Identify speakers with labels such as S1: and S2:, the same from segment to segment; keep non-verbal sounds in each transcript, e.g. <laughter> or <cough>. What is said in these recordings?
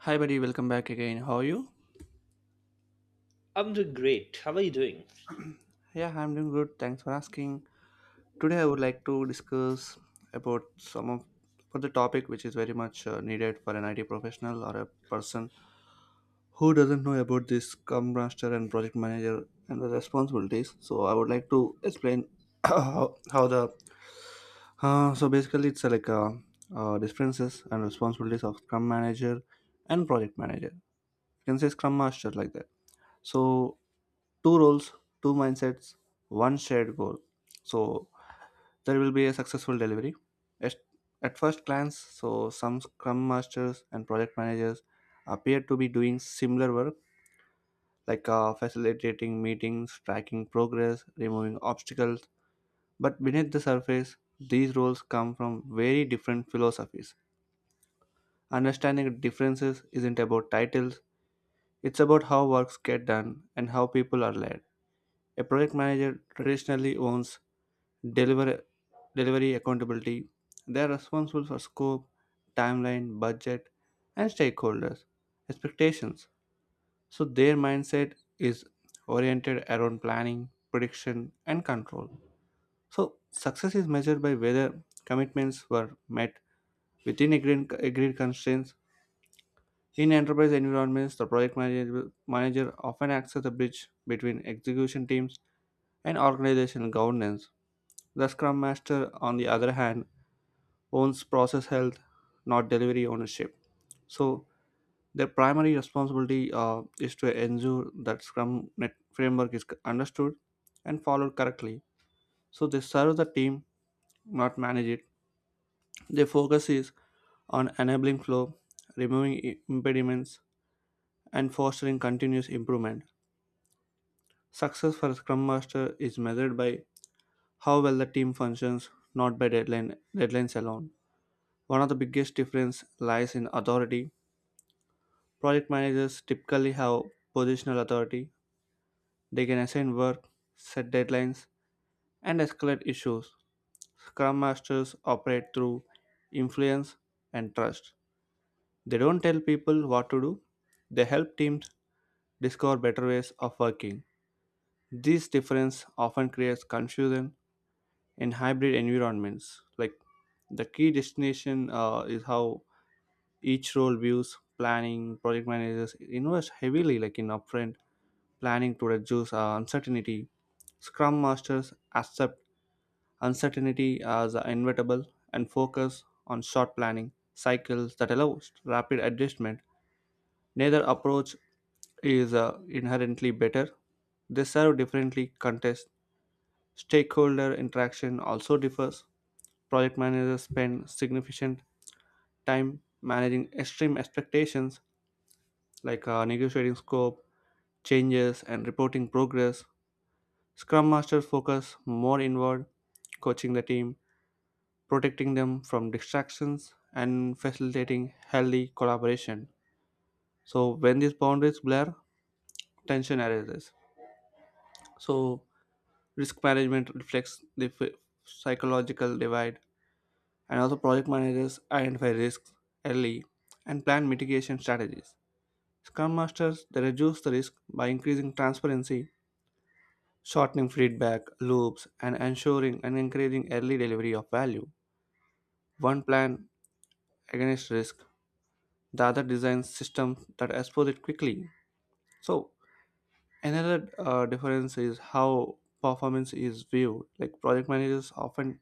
S1: Hi, buddy. Welcome back again. How are you?
S2: I'm doing great. How are you doing?
S1: <clears throat> Yeah, I'm doing good. Thanks for asking. Today, I would like to discuss about some of for the topic which is very much needed for an IT professional or a person who doesn't know about this Scrum Master and Project Manager and the responsibilities. So, I would like to explain <coughs> <clears throat> how the so basically it's like differences and responsibilities of Scrum Manager and Project Manager. You can say Scrum Master like that. So two roles, two mindsets, one shared goal. So there will be a successful delivery. At, at first glance, so some scrum masters and project managers appear to be doing similar work like facilitating meetings, tracking progress, removing obstacles. But beneath the surface, these roles come from very different philosophies. Understanding differences isn't about titles, it's about how works get done and how people are led. A project manager traditionally owns deliver, delivery accountability. They are responsible for scope, timeline, budget, and stakeholders' expectations. So their mindset is oriented around planning, prediction, and control. So success is measured by whether commitments were met within agreed constraints. In enterprise environments, the project manager often acts as a bridge between execution teams and organizational governance. The Scrum Master, on the other hand, owns process health, not delivery ownership. So their primary responsibility is to ensure that Scrum net framework is understood and followed correctly. So they serve the team, not manage it. Their focus is on enabling flow, removing impediments, and fostering continuous improvement. Success for a Scrum Master is measured by how well the team functions, not by deadlines alone. One of the biggest difference lies in authority. Project managers typically have positional authority. They can assign work, set deadlines, and escalate issues. Scrum masters operate through influence and trust. They don't tell people what to do, they help teams discover better ways of working. This difference often creates confusion in hybrid environments. Like the key destination is how each role views planning. Project managers invest heavily like in upfront planning to reduce uncertainty. Scrum masters accept uncertainty as inevitable and focus on short planning cycles that allow rapid adjustment. Neither approach is inherently better. They serve differently contests. Stakeholder interaction also differs. Project managers spend significant time managing extreme expectations like negotiating scope, changes, and reporting progress. Scrum Masters focus more inward, coaching the team, protecting them from distractions, and facilitating healthy collaboration. So, when these boundaries blur, tension arises. So, risk management reflects the psychological divide, and also project managers identify risks early and plan mitigation strategies. Scrum Masters they reduce the risk by increasing transparency, shortening feedback loops, and ensuring and encouraging early delivery of value. One plan against risk, the other designs systems that expose it quickly. So another difference is how performance is viewed. Like project managers often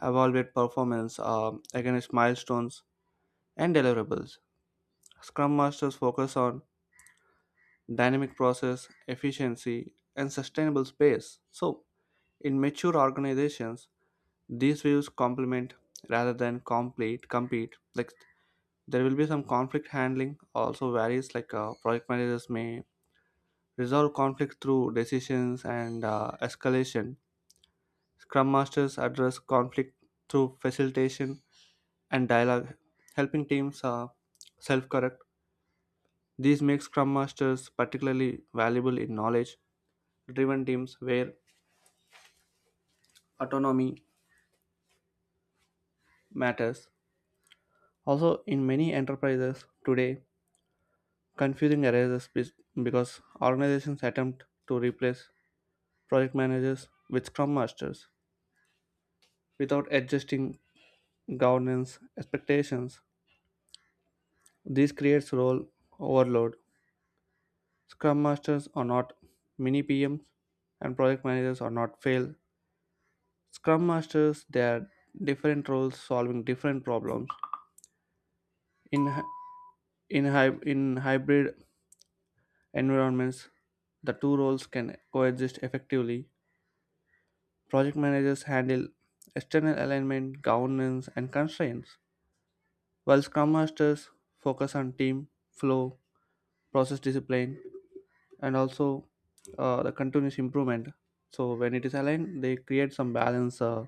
S1: evaluate performance against milestones and deliverables. Scrum masters focus on dynamic process, efficiency, and sustainable space. So in mature organizations, these views complement rather than complete compete. Like there will be some conflict handling also varies like project managers may resolve conflicts through decisions and escalation. Scrum masters address conflict through facilitation and dialogue, helping teams self-correct. These make Scrum masters particularly valuable in knowledge-driven teams where autonomy matters. Also, in many enterprises today, confusing arises because organizations attempt to replace project managers with scrum masters without adjusting governance expectations. This creates role overload. Scrum masters are not mini PMs and project managers are not fail. Scrum masters they are different roles solving different problems. In hy- in hybrid environments, the two roles can coexist effectively. Project managers handle external alignment, governance, and constraints, while Scrum Masters focus on team flow, process discipline, and also the continuous improvement. So when it is aligned, they create some balance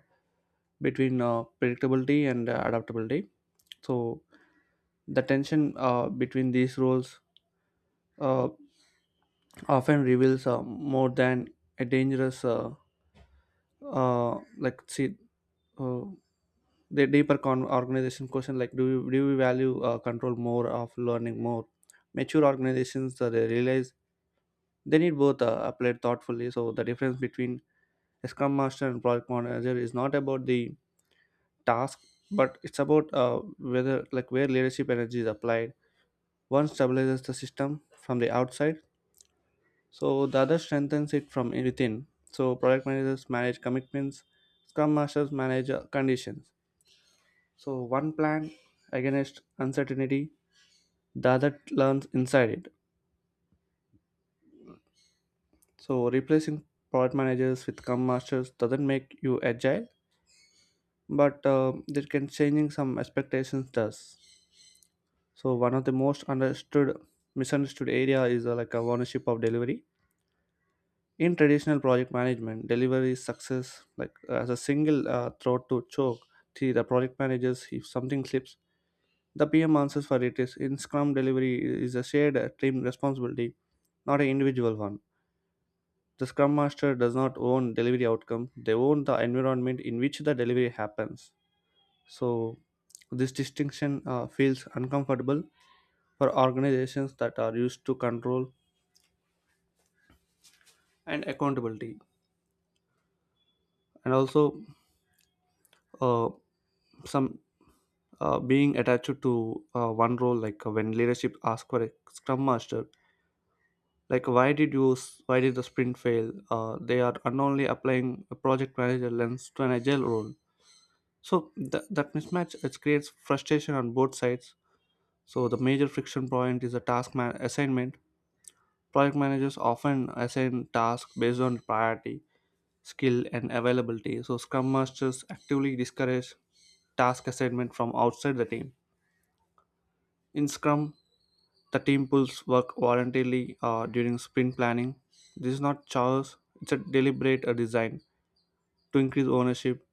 S1: between predictability and adaptability. So the tension between these roles uh, often reveals more than a uh, like see, uh, the deeper organization question like do we value control more of learning more? Mature organizations they realize they need both applied thoughtfully. So the difference between a scrum master and product manager is not about the task, but it's about whether like where leadership energy is applied. One stabilizes the system from the outside, so the other strengthens it from within. So product managers manage commitments, scrum masters manage conditions. So one plan against uncertainty, the other learns inside it. So replacing product managers with scrum masters doesn't make you agile but that can changing some expectations does. So one of the most understood misunderstood area is like a ownership of delivery. In traditional project management, delivery success like as a single throat to choke. See the project managers if something slips, the PM answers for it is in Scrum delivery is a shared team responsibility, not an individual one. The Scrum Master does not own delivery outcome; they own the environment in which the delivery happens. So, this distinction feels uncomfortable for organizations that are used to control and accountability, and also uh, some being attached to one role. Like when leadership asks for a scrum master, like why did the sprint fail? They are unknowingly applying a project manager lens to an agile role. So that mismatch it creates frustration on both sides. So the major friction point is the assignment. Project managers often assign tasks based on priority, skill, and availability, so Scrum Masters actively discourage task assignment from outside the team. In Scrum, the team pulls work voluntarily during sprint planning. This is not chores, it's a deliberate design to increase ownership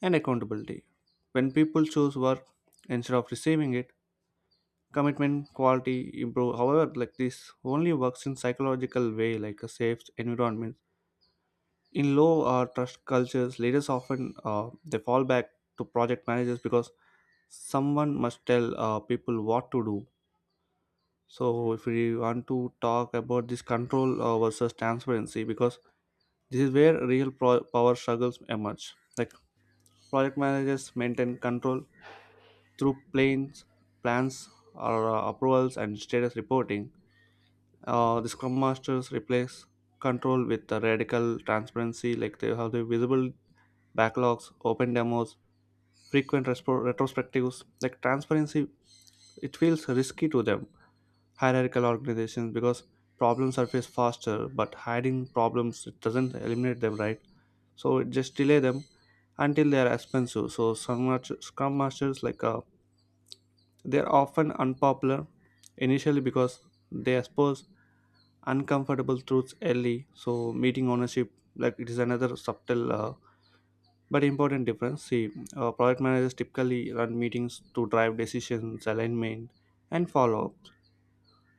S1: and accountability. When people choose work instead of receiving it, commitment quality improve. However, like this only works in psychological way, like a safe environment. In low trust cultures, leaders often they fall back to project managers because someone must tell people what to do. So if we want to talk about this control versus transparency, because this is where real power struggles emerge. Like project managers maintain control through plans or approvals and status reporting. The Scrum Masters replace control with a radical transparency, like they have the visible backlogs, open demos, frequent retrospectives. Like transparency, it feels risky to them, hierarchical organizations, because problems surface faster, but hiding problems it doesn't eliminate them, right? So it just delay them until they are expensive. So Scrum Masters, like they are often unpopular initially because they expose uncomfortable truths early. So meeting ownership like it is another subtle but important difference. See product managers typically run meetings to drive decisions alignment and follow-up.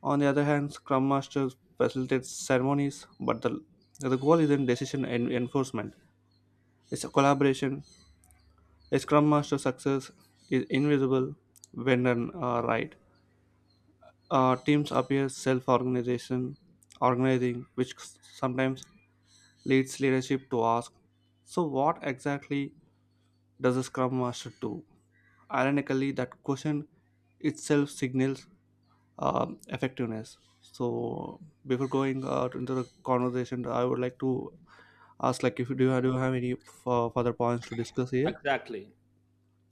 S1: On the other hand, scrum masters facilitate ceremonies but the goal isn't decision enforcement, it's a collaboration. A scrum master success is invisible when done right. Teams appear self-organization organizing, which sometimes leads leadership to ask, so what exactly does a Scrum Master do? Ironically, that question itself signals effectiveness. So, before going out into the conversation, I would like to ask, like, if you do you have any further points to discuss here?
S2: Exactly.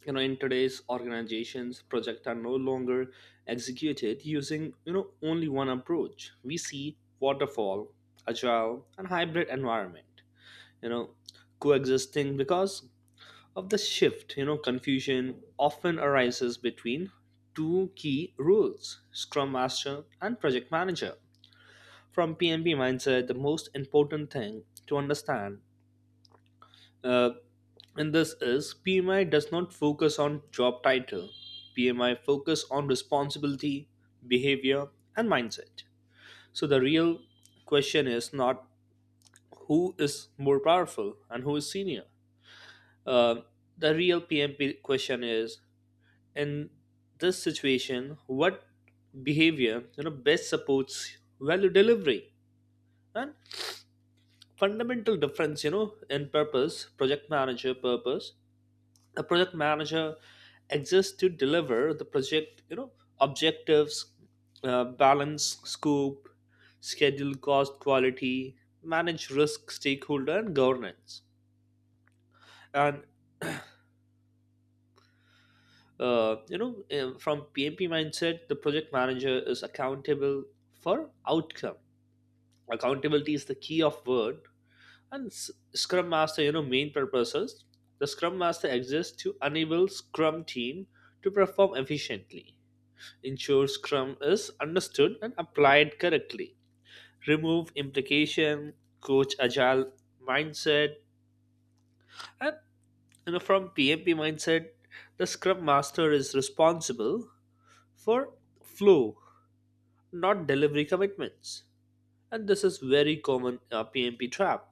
S2: In today's organizations, projects are no longer executed using, only one approach. We see waterfall, agile, and hybrid environment, you know, coexisting because of the shift. Confusion often arises between two key roles, Scrum Master and Project Manager. From PMP mindset, the most important thing to understand Uh, and this is PMI does not focus on job title. PMI focus on responsibility, behavior, and mindset. So the real question is not who is more powerful and who is senior. Uh, the real PMP question is, in this situation, what behavior best supports value delivery. And fundamental difference, in purpose project manager purpose, a project manager exists to deliver the project, objectives, balance scope, schedule, cost, quality, manage risk, stakeholder, and governance. And from PMP mindset, the project manager is accountable for outcome. Accountability is the key of word. And scrum master, main purposes, the scrum master exists to enable scrum team to perform efficiently, ensure Scrum is understood and applied correctly, remove implication, coach agile mindset. And from PMP mindset, the Scrum Master is responsible for flow, not delivery commitments. And this is very common PMP trap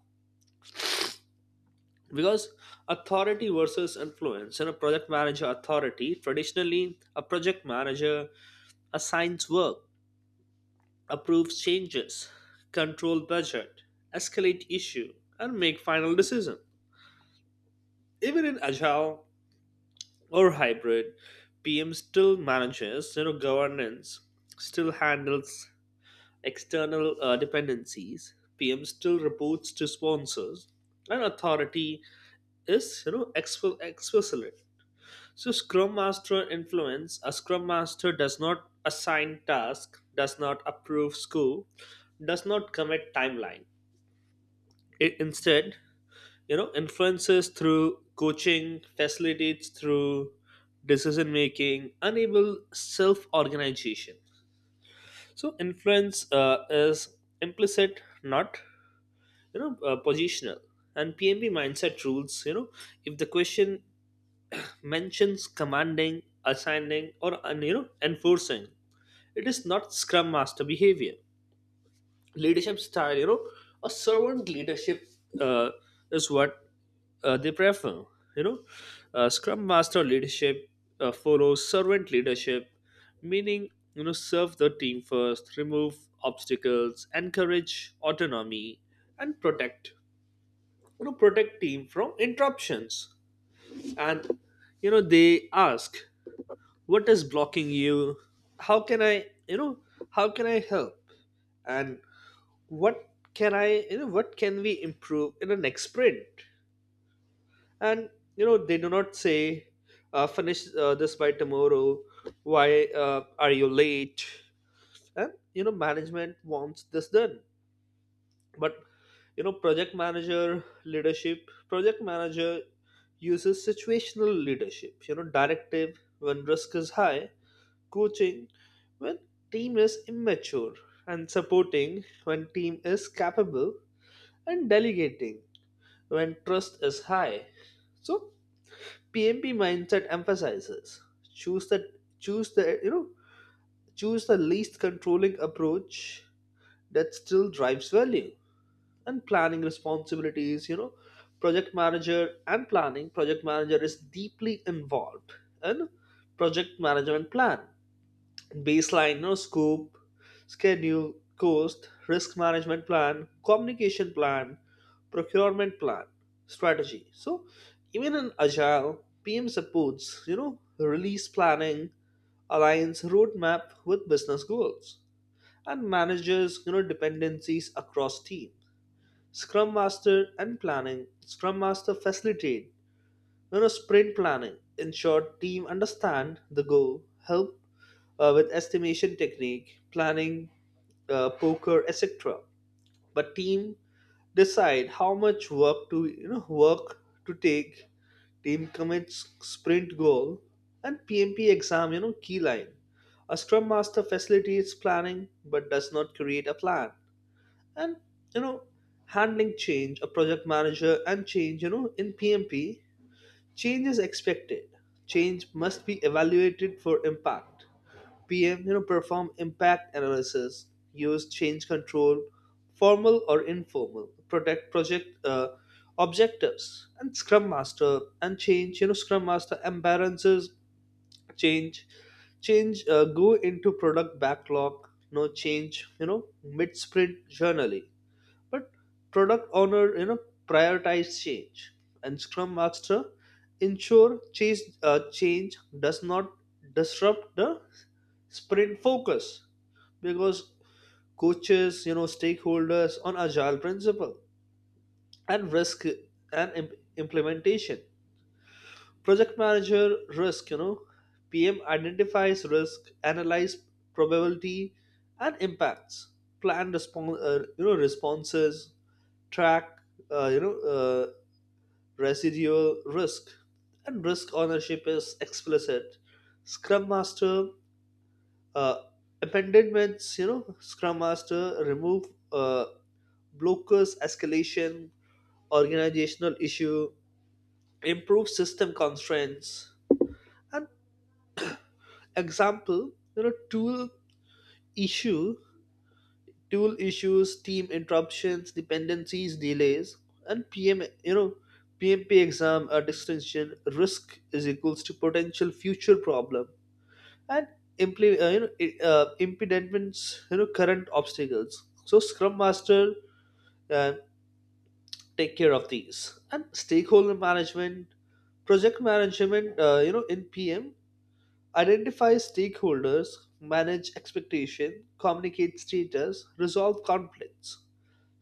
S2: because authority versus influence. In a project manager authority, traditionally a project manager assigns work, approve changes, control budget, escalate issue, and make final decision. Even in agile or hybrid, PM still manages, governance, still handles external dependencies. PM still reports to sponsors, and authority is explicit. So Scrum Master influence, a Scrum Master does not assign task, does not approve scope, does not commit timeline. Instead influences through coaching, facilitates through decision making, enable self organization. So influence is implicit, not positional. And pmb mindset rules, if the question mentions commanding, assigning, or enforcing, it is not scrum master behavior. Leadership style, a servant leadership uh, is what they prefer. you know Scrum master leadership follows servant leadership, meaning serve the team first, remove obstacles, encourage autonomy, and protect, protect team from interruptions. And they ask, what is blocking you? How can I you know how can I help? And what can what can we improve in the next sprint? And they do not say, finish this by tomorrow. Why are you late? And management wants this done. But project manager leadership, project manager uses situational leadership. Directive when risk is high, coaching when team is immature, and supporting when team is capable, and delegating when trust is high. So PMP mindset emphasizes, choose the choose the choose the least controlling approach that still drives value. And planning responsibilities, project manager and planning, project manager is deeply involved in project management plan, baseline, no scope, schedule, cost, risk management plan, communication plan, procurement plan, strategy. So even in agile, PM supports, release planning, aligns roadmap with business goals, and manages, dependencies across team. Scrum Master and planning, Scrum Master facilitate, sprint planning, ensure team understand the goal, help with estimation technique, planning, poker, etc. But team decide how much work to work to take. Team commits sprint goal and PMP exam. Key line. A scrum master facilitates planning but does not create a plan. And you know handling change. A project manager and change. In PMP, change is expected. Change must be evaluated for impact. PM, perform impact analysis, use change control, formal or informal, protect project objectives. And Scrum Master and change. Scrum Master embalances change, change go into product backlog. No change. Mid sprint journally, but product owner, prioritize change, and Scrum Master ensure change does not disrupt the sprint focus because coaches, stakeholders on agile principle and risk and implementation. Project manager risk, PM identifies risk, analyze probability and impacts, plan responses, track uh, you know uh, residual risk. And risk ownership is explicit. Scrum master uh, abandonments, scrum master remove uh, blockers, escalation, organizational issue, improve system constraints. And example, tool issue, tool issues, team interruptions, dependencies, delays. And PM, PMP exam or extension risk is equals to potential future problem. And impediments, current obstacles. So Scrum Master uh, take care of these. And stakeholder management, project management, in PM identify stakeholders, manage expectation, communicate status, resolve conflicts.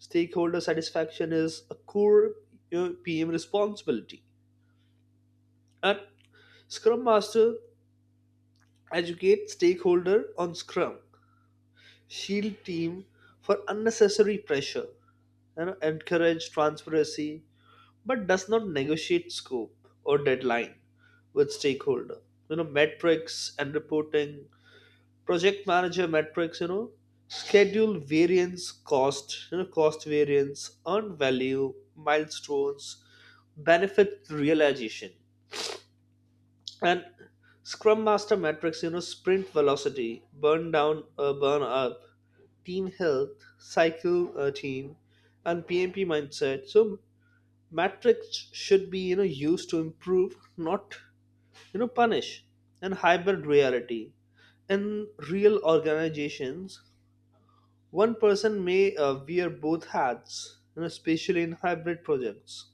S2: Stakeholder satisfaction is a core PM responsibility. And Scrum Master educate stakeholder on Scrum, shield team for unnecessary pressure, and encourage transparency, but does not negotiate scope or deadline with stakeholder. Metrics and reporting, project manager metrics, schedule variance, cost, cost variance, earned value, milestones, benefit realization. And scrum master metrics, sprint velocity, burn down, burn up, team health, cycle team. And pmp mindset, so metrics should be used to improve, not punish. And hybrid reality, in real organizations, one person may wear both hats, especially in hybrid projects.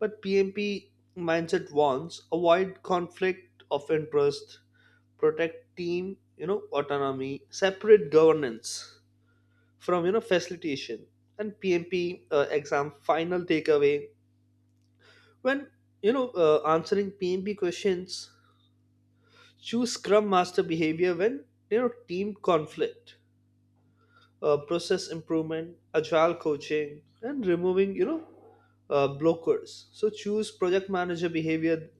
S2: But PMP mindset wants avoid conflict of interest, protect team, autonomy, separate governance from facilitation. And PMP exam final takeaway, when answering PMP questions, choose Scrum Master behavior when, team conflict, process improvement, agile coaching, and removing blockers. So choose project manager behavior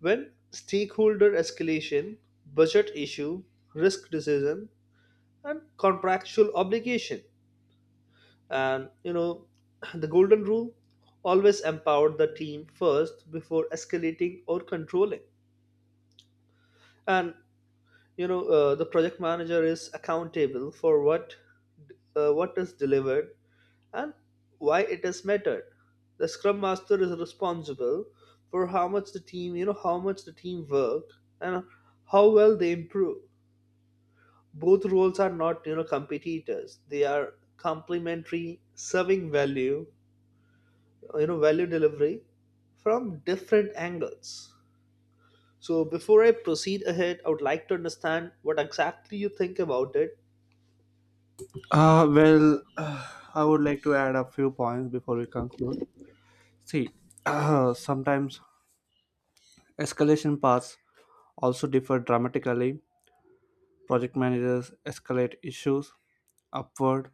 S2: when stakeholder escalation, budget issue, risk decision, and contractual obligation. And <clears throat> the golden rule, always empower the team first before escalating or controlling. And the project manager is accountable for what is delivered and why it is mattered. The scrum master is responsible for how much the team work and how well they improve. Both roles are not competitors, they are complementary, serving value, value delivery from different angles. So before I proceed ahead, I would like to understand what exactly you think about it.
S1: Well, <sighs> I would like to add a few points before we conclude. See, <clears throat> sometimes escalation paths also differ dramatically. Project managers escalate issues upward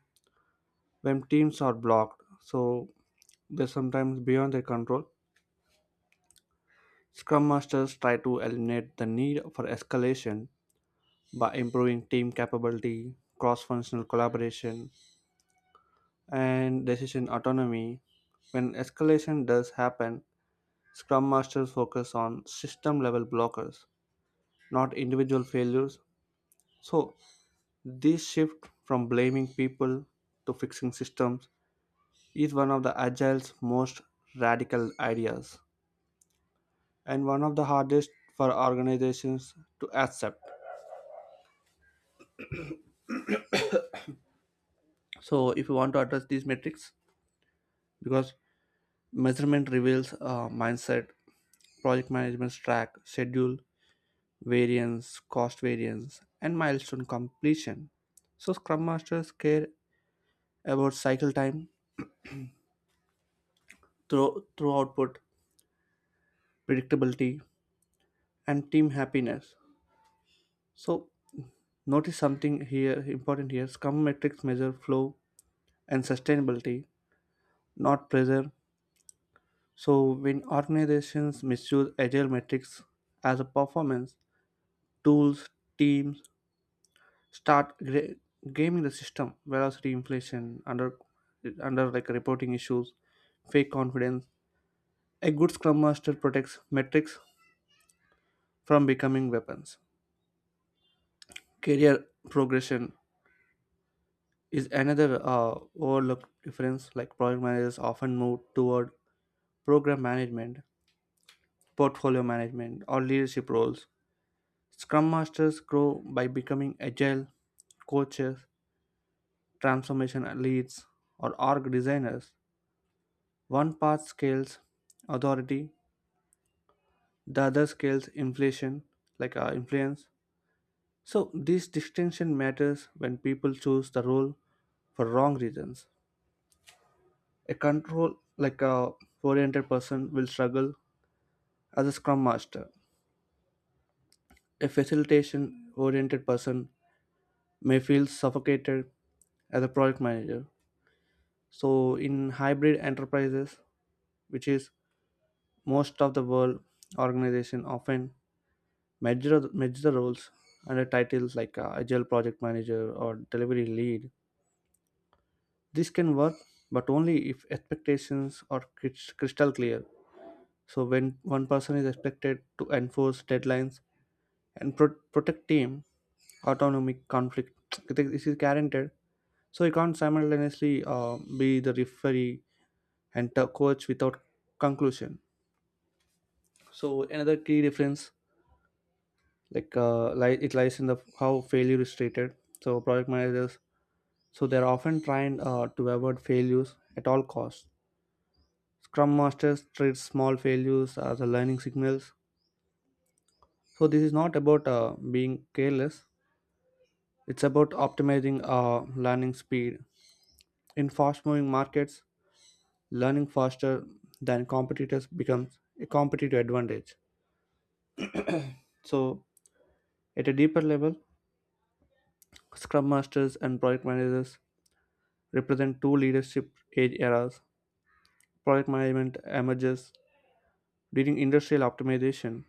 S1: when teams are blocked, so they're sometimes beyond their control. Scrum masters try to eliminate the need for escalation by improving team capability, cross functional collaboration, and decision autonomy. When escalation does happen, Scrum Masters focus on system level blockers, not individual failures. So, this shift from blaming people to fixing systems is one of the Agile's most radical ideas and one of the hardest for organizations to accept. So, if you want to address these metrics, because measurement reveals mindset, project management's track, schedule, variance, cost variance, and milestone completion. So Scrum Masters care about cycle time, throw output, predictability, and team happiness. So, notice something here important here, scrum metrics measure flow and sustainability, not pressure. So, when organizations misuse agile metrics as a performance, tools, teams start gra- gaming the system, velocity, inflation, under under like reporting issues, fake confidence. A good scrum master protects metrics from becoming weapons. Career progression is another overlooked difference. Like project managers often move toward program management, portfolio management, or leadership roles. Scrum masters grow by becoming agile coaches, transformation leads, or org designers. One path scales authority, the other scales inflation, like influence. So this distinction matters when people choose the role for wrong reasons. A control like a oriented person will struggle as a scrum master. A facilitation oriented person may feel suffocated as a product manager. So in hybrid enterprises, which is most of the world, organization often measure the roles under titles like agile project manager or delivery lead. This can work, but only if expectations are crystal clear. So when one person is expected to enforce deadlines and protect team autonomy, conflict <tsk> this is guaranteed. So you can't simultaneously be the referee and the coach without conclusion. So another key difference, like it lies in the how failure is treated. So project managers so they're often trying to avoid failures at all costs. Scrum masters treat small failures as a learning signals. So this is not about being careless, it's about optimizing learning speed. In fast moving markets, learning faster than competitors becomes a competitive advantage. So, at a deeper level, Scrum Masters and Project Managers represent two leadership age eras. Project management emerges during industrial optimization,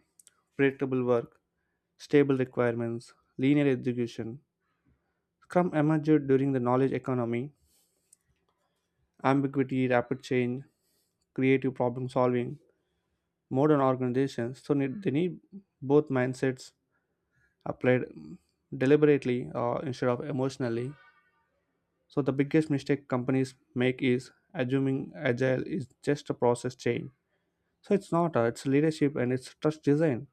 S1: predictable work, stable requirements, linear execution. Scrum emerged during the knowledge economy, ambiguity, rapid change, creative problem solving. Modern organizations so they need both mindsets applied deliberately instead of emotionally. So, the biggest mistake companies make is assuming agile is just a process change. So, it's not, it's leadership and it's trust design,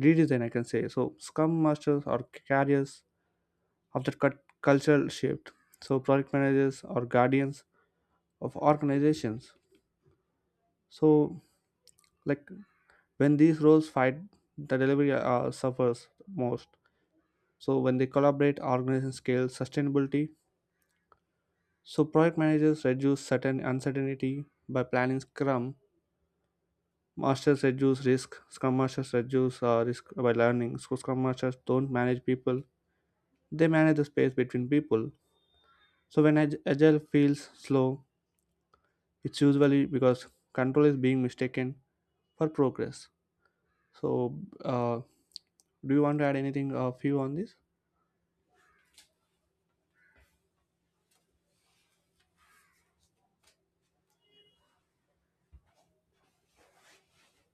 S1: redesign, I can say. So, scrum masters are carriers of that cultural shift. So, project managers are guardians of organizations. So, like when these roles fight, the delivery suffers most. So, when they collaborate, organization scale sustainability. So project managers reduce certain uncertainty by planning Scrum. Masters reduce risk. Scrum masters reduce risk by learning. So Scrum masters don't manage people; they manage the space between people. So when agile feels slow, it's usually because control is being mistaken for progress. So, do you want to add anything of you on this?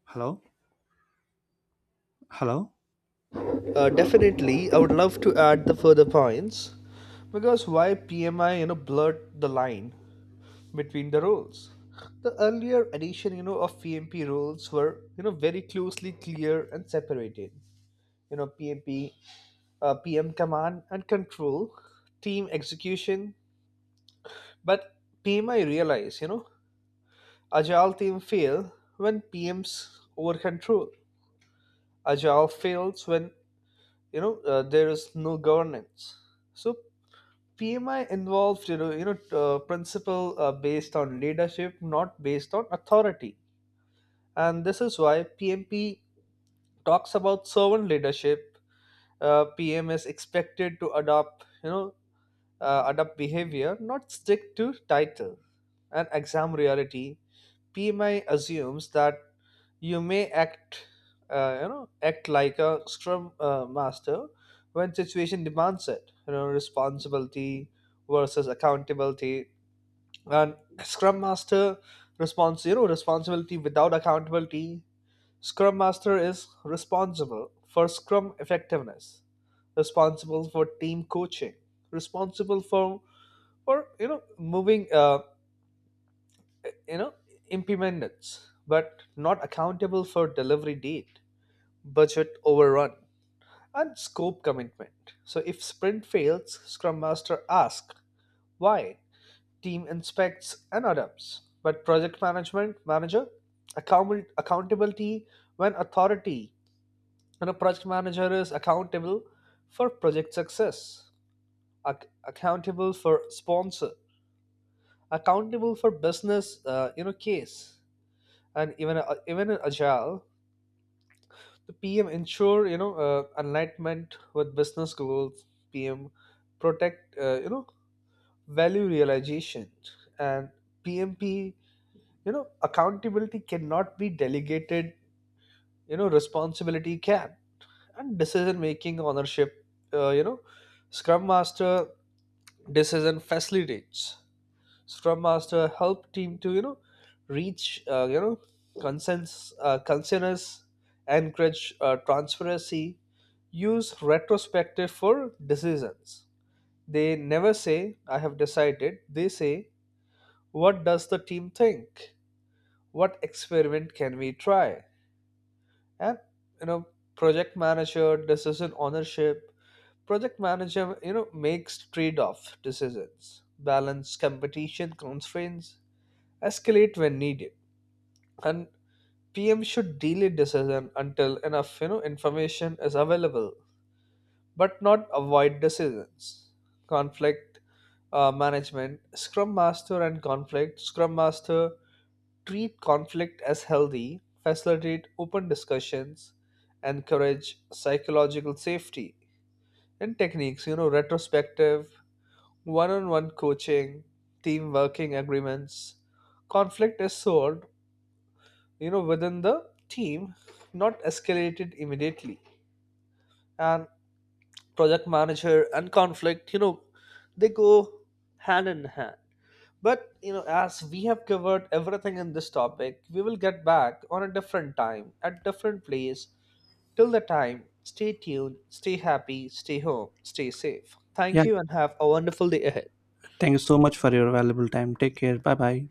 S1: Hello, hello.
S2: Definitely, I would love to add the further points. Because why PMI blurred the line between the roles, the earlier edition, of PMP roles were very closely clear and separated. PMP, PM command and control, team execution. But PMI realize, agile team fail when PM's over control. Agile fails when there is no governance. So PMI involves, principle, based on leadership, not based on authority. And this is why PMP talks about servant leadership. PM is expected to adopt you know adapt behavior, not stick to title. And exam reality, PMI assumes that you may act like a scrum master when situation demands it. Responsibility versus accountability. And scrum master responsibility without accountability. Scrum master is responsible for scrum effectiveness, responsible for team coaching, responsible for or moving you know impediments, but not accountable for delivery date, budget overrun, and scope commitment. So if sprint fails, scrum master asks why. Team inspects and adapts. But project management manager accountability when authority. And a project manager is accountable for project success, accountable for sponsor, accountable for business, case. And even in agile, the PM ensure, alignment with business goals, PM protect, value realization. And PMP, accountability cannot be delegated, responsibility can. And decision making ownership, uh, you know scrum master decision facilitates, Scrum Master help team to reach consensus, encourage transparency, use retrospective for decisions. They never say I have decided. They say, what does the team think? What experiment can we try? And you know project manager decision ownership, project manager makes trade-off decisions, balance competition constraints, escalate when needed. And PM should delay decision until enough information is available, but not avoid decisions. Conflict management, Scrum Master and conflict. Scrum Master treat conflict as healthy, facilitate open discussions, encourage psychological safety. And techniques, retrospective, one-on-one coaching, team working agreements. Conflict is solved within the team, not escalated immediately. And project manager and conflict, they go hand in hand. But as we have covered everything in this topic, we will get back on a different time at different place. Till the time, stay tuned, stay happy, stay home, stay safe. Thank
S1: Yeah.
S2: you and have a wonderful day ahead.
S1: Thank you so much for your valuable time. Take care. Bye bye.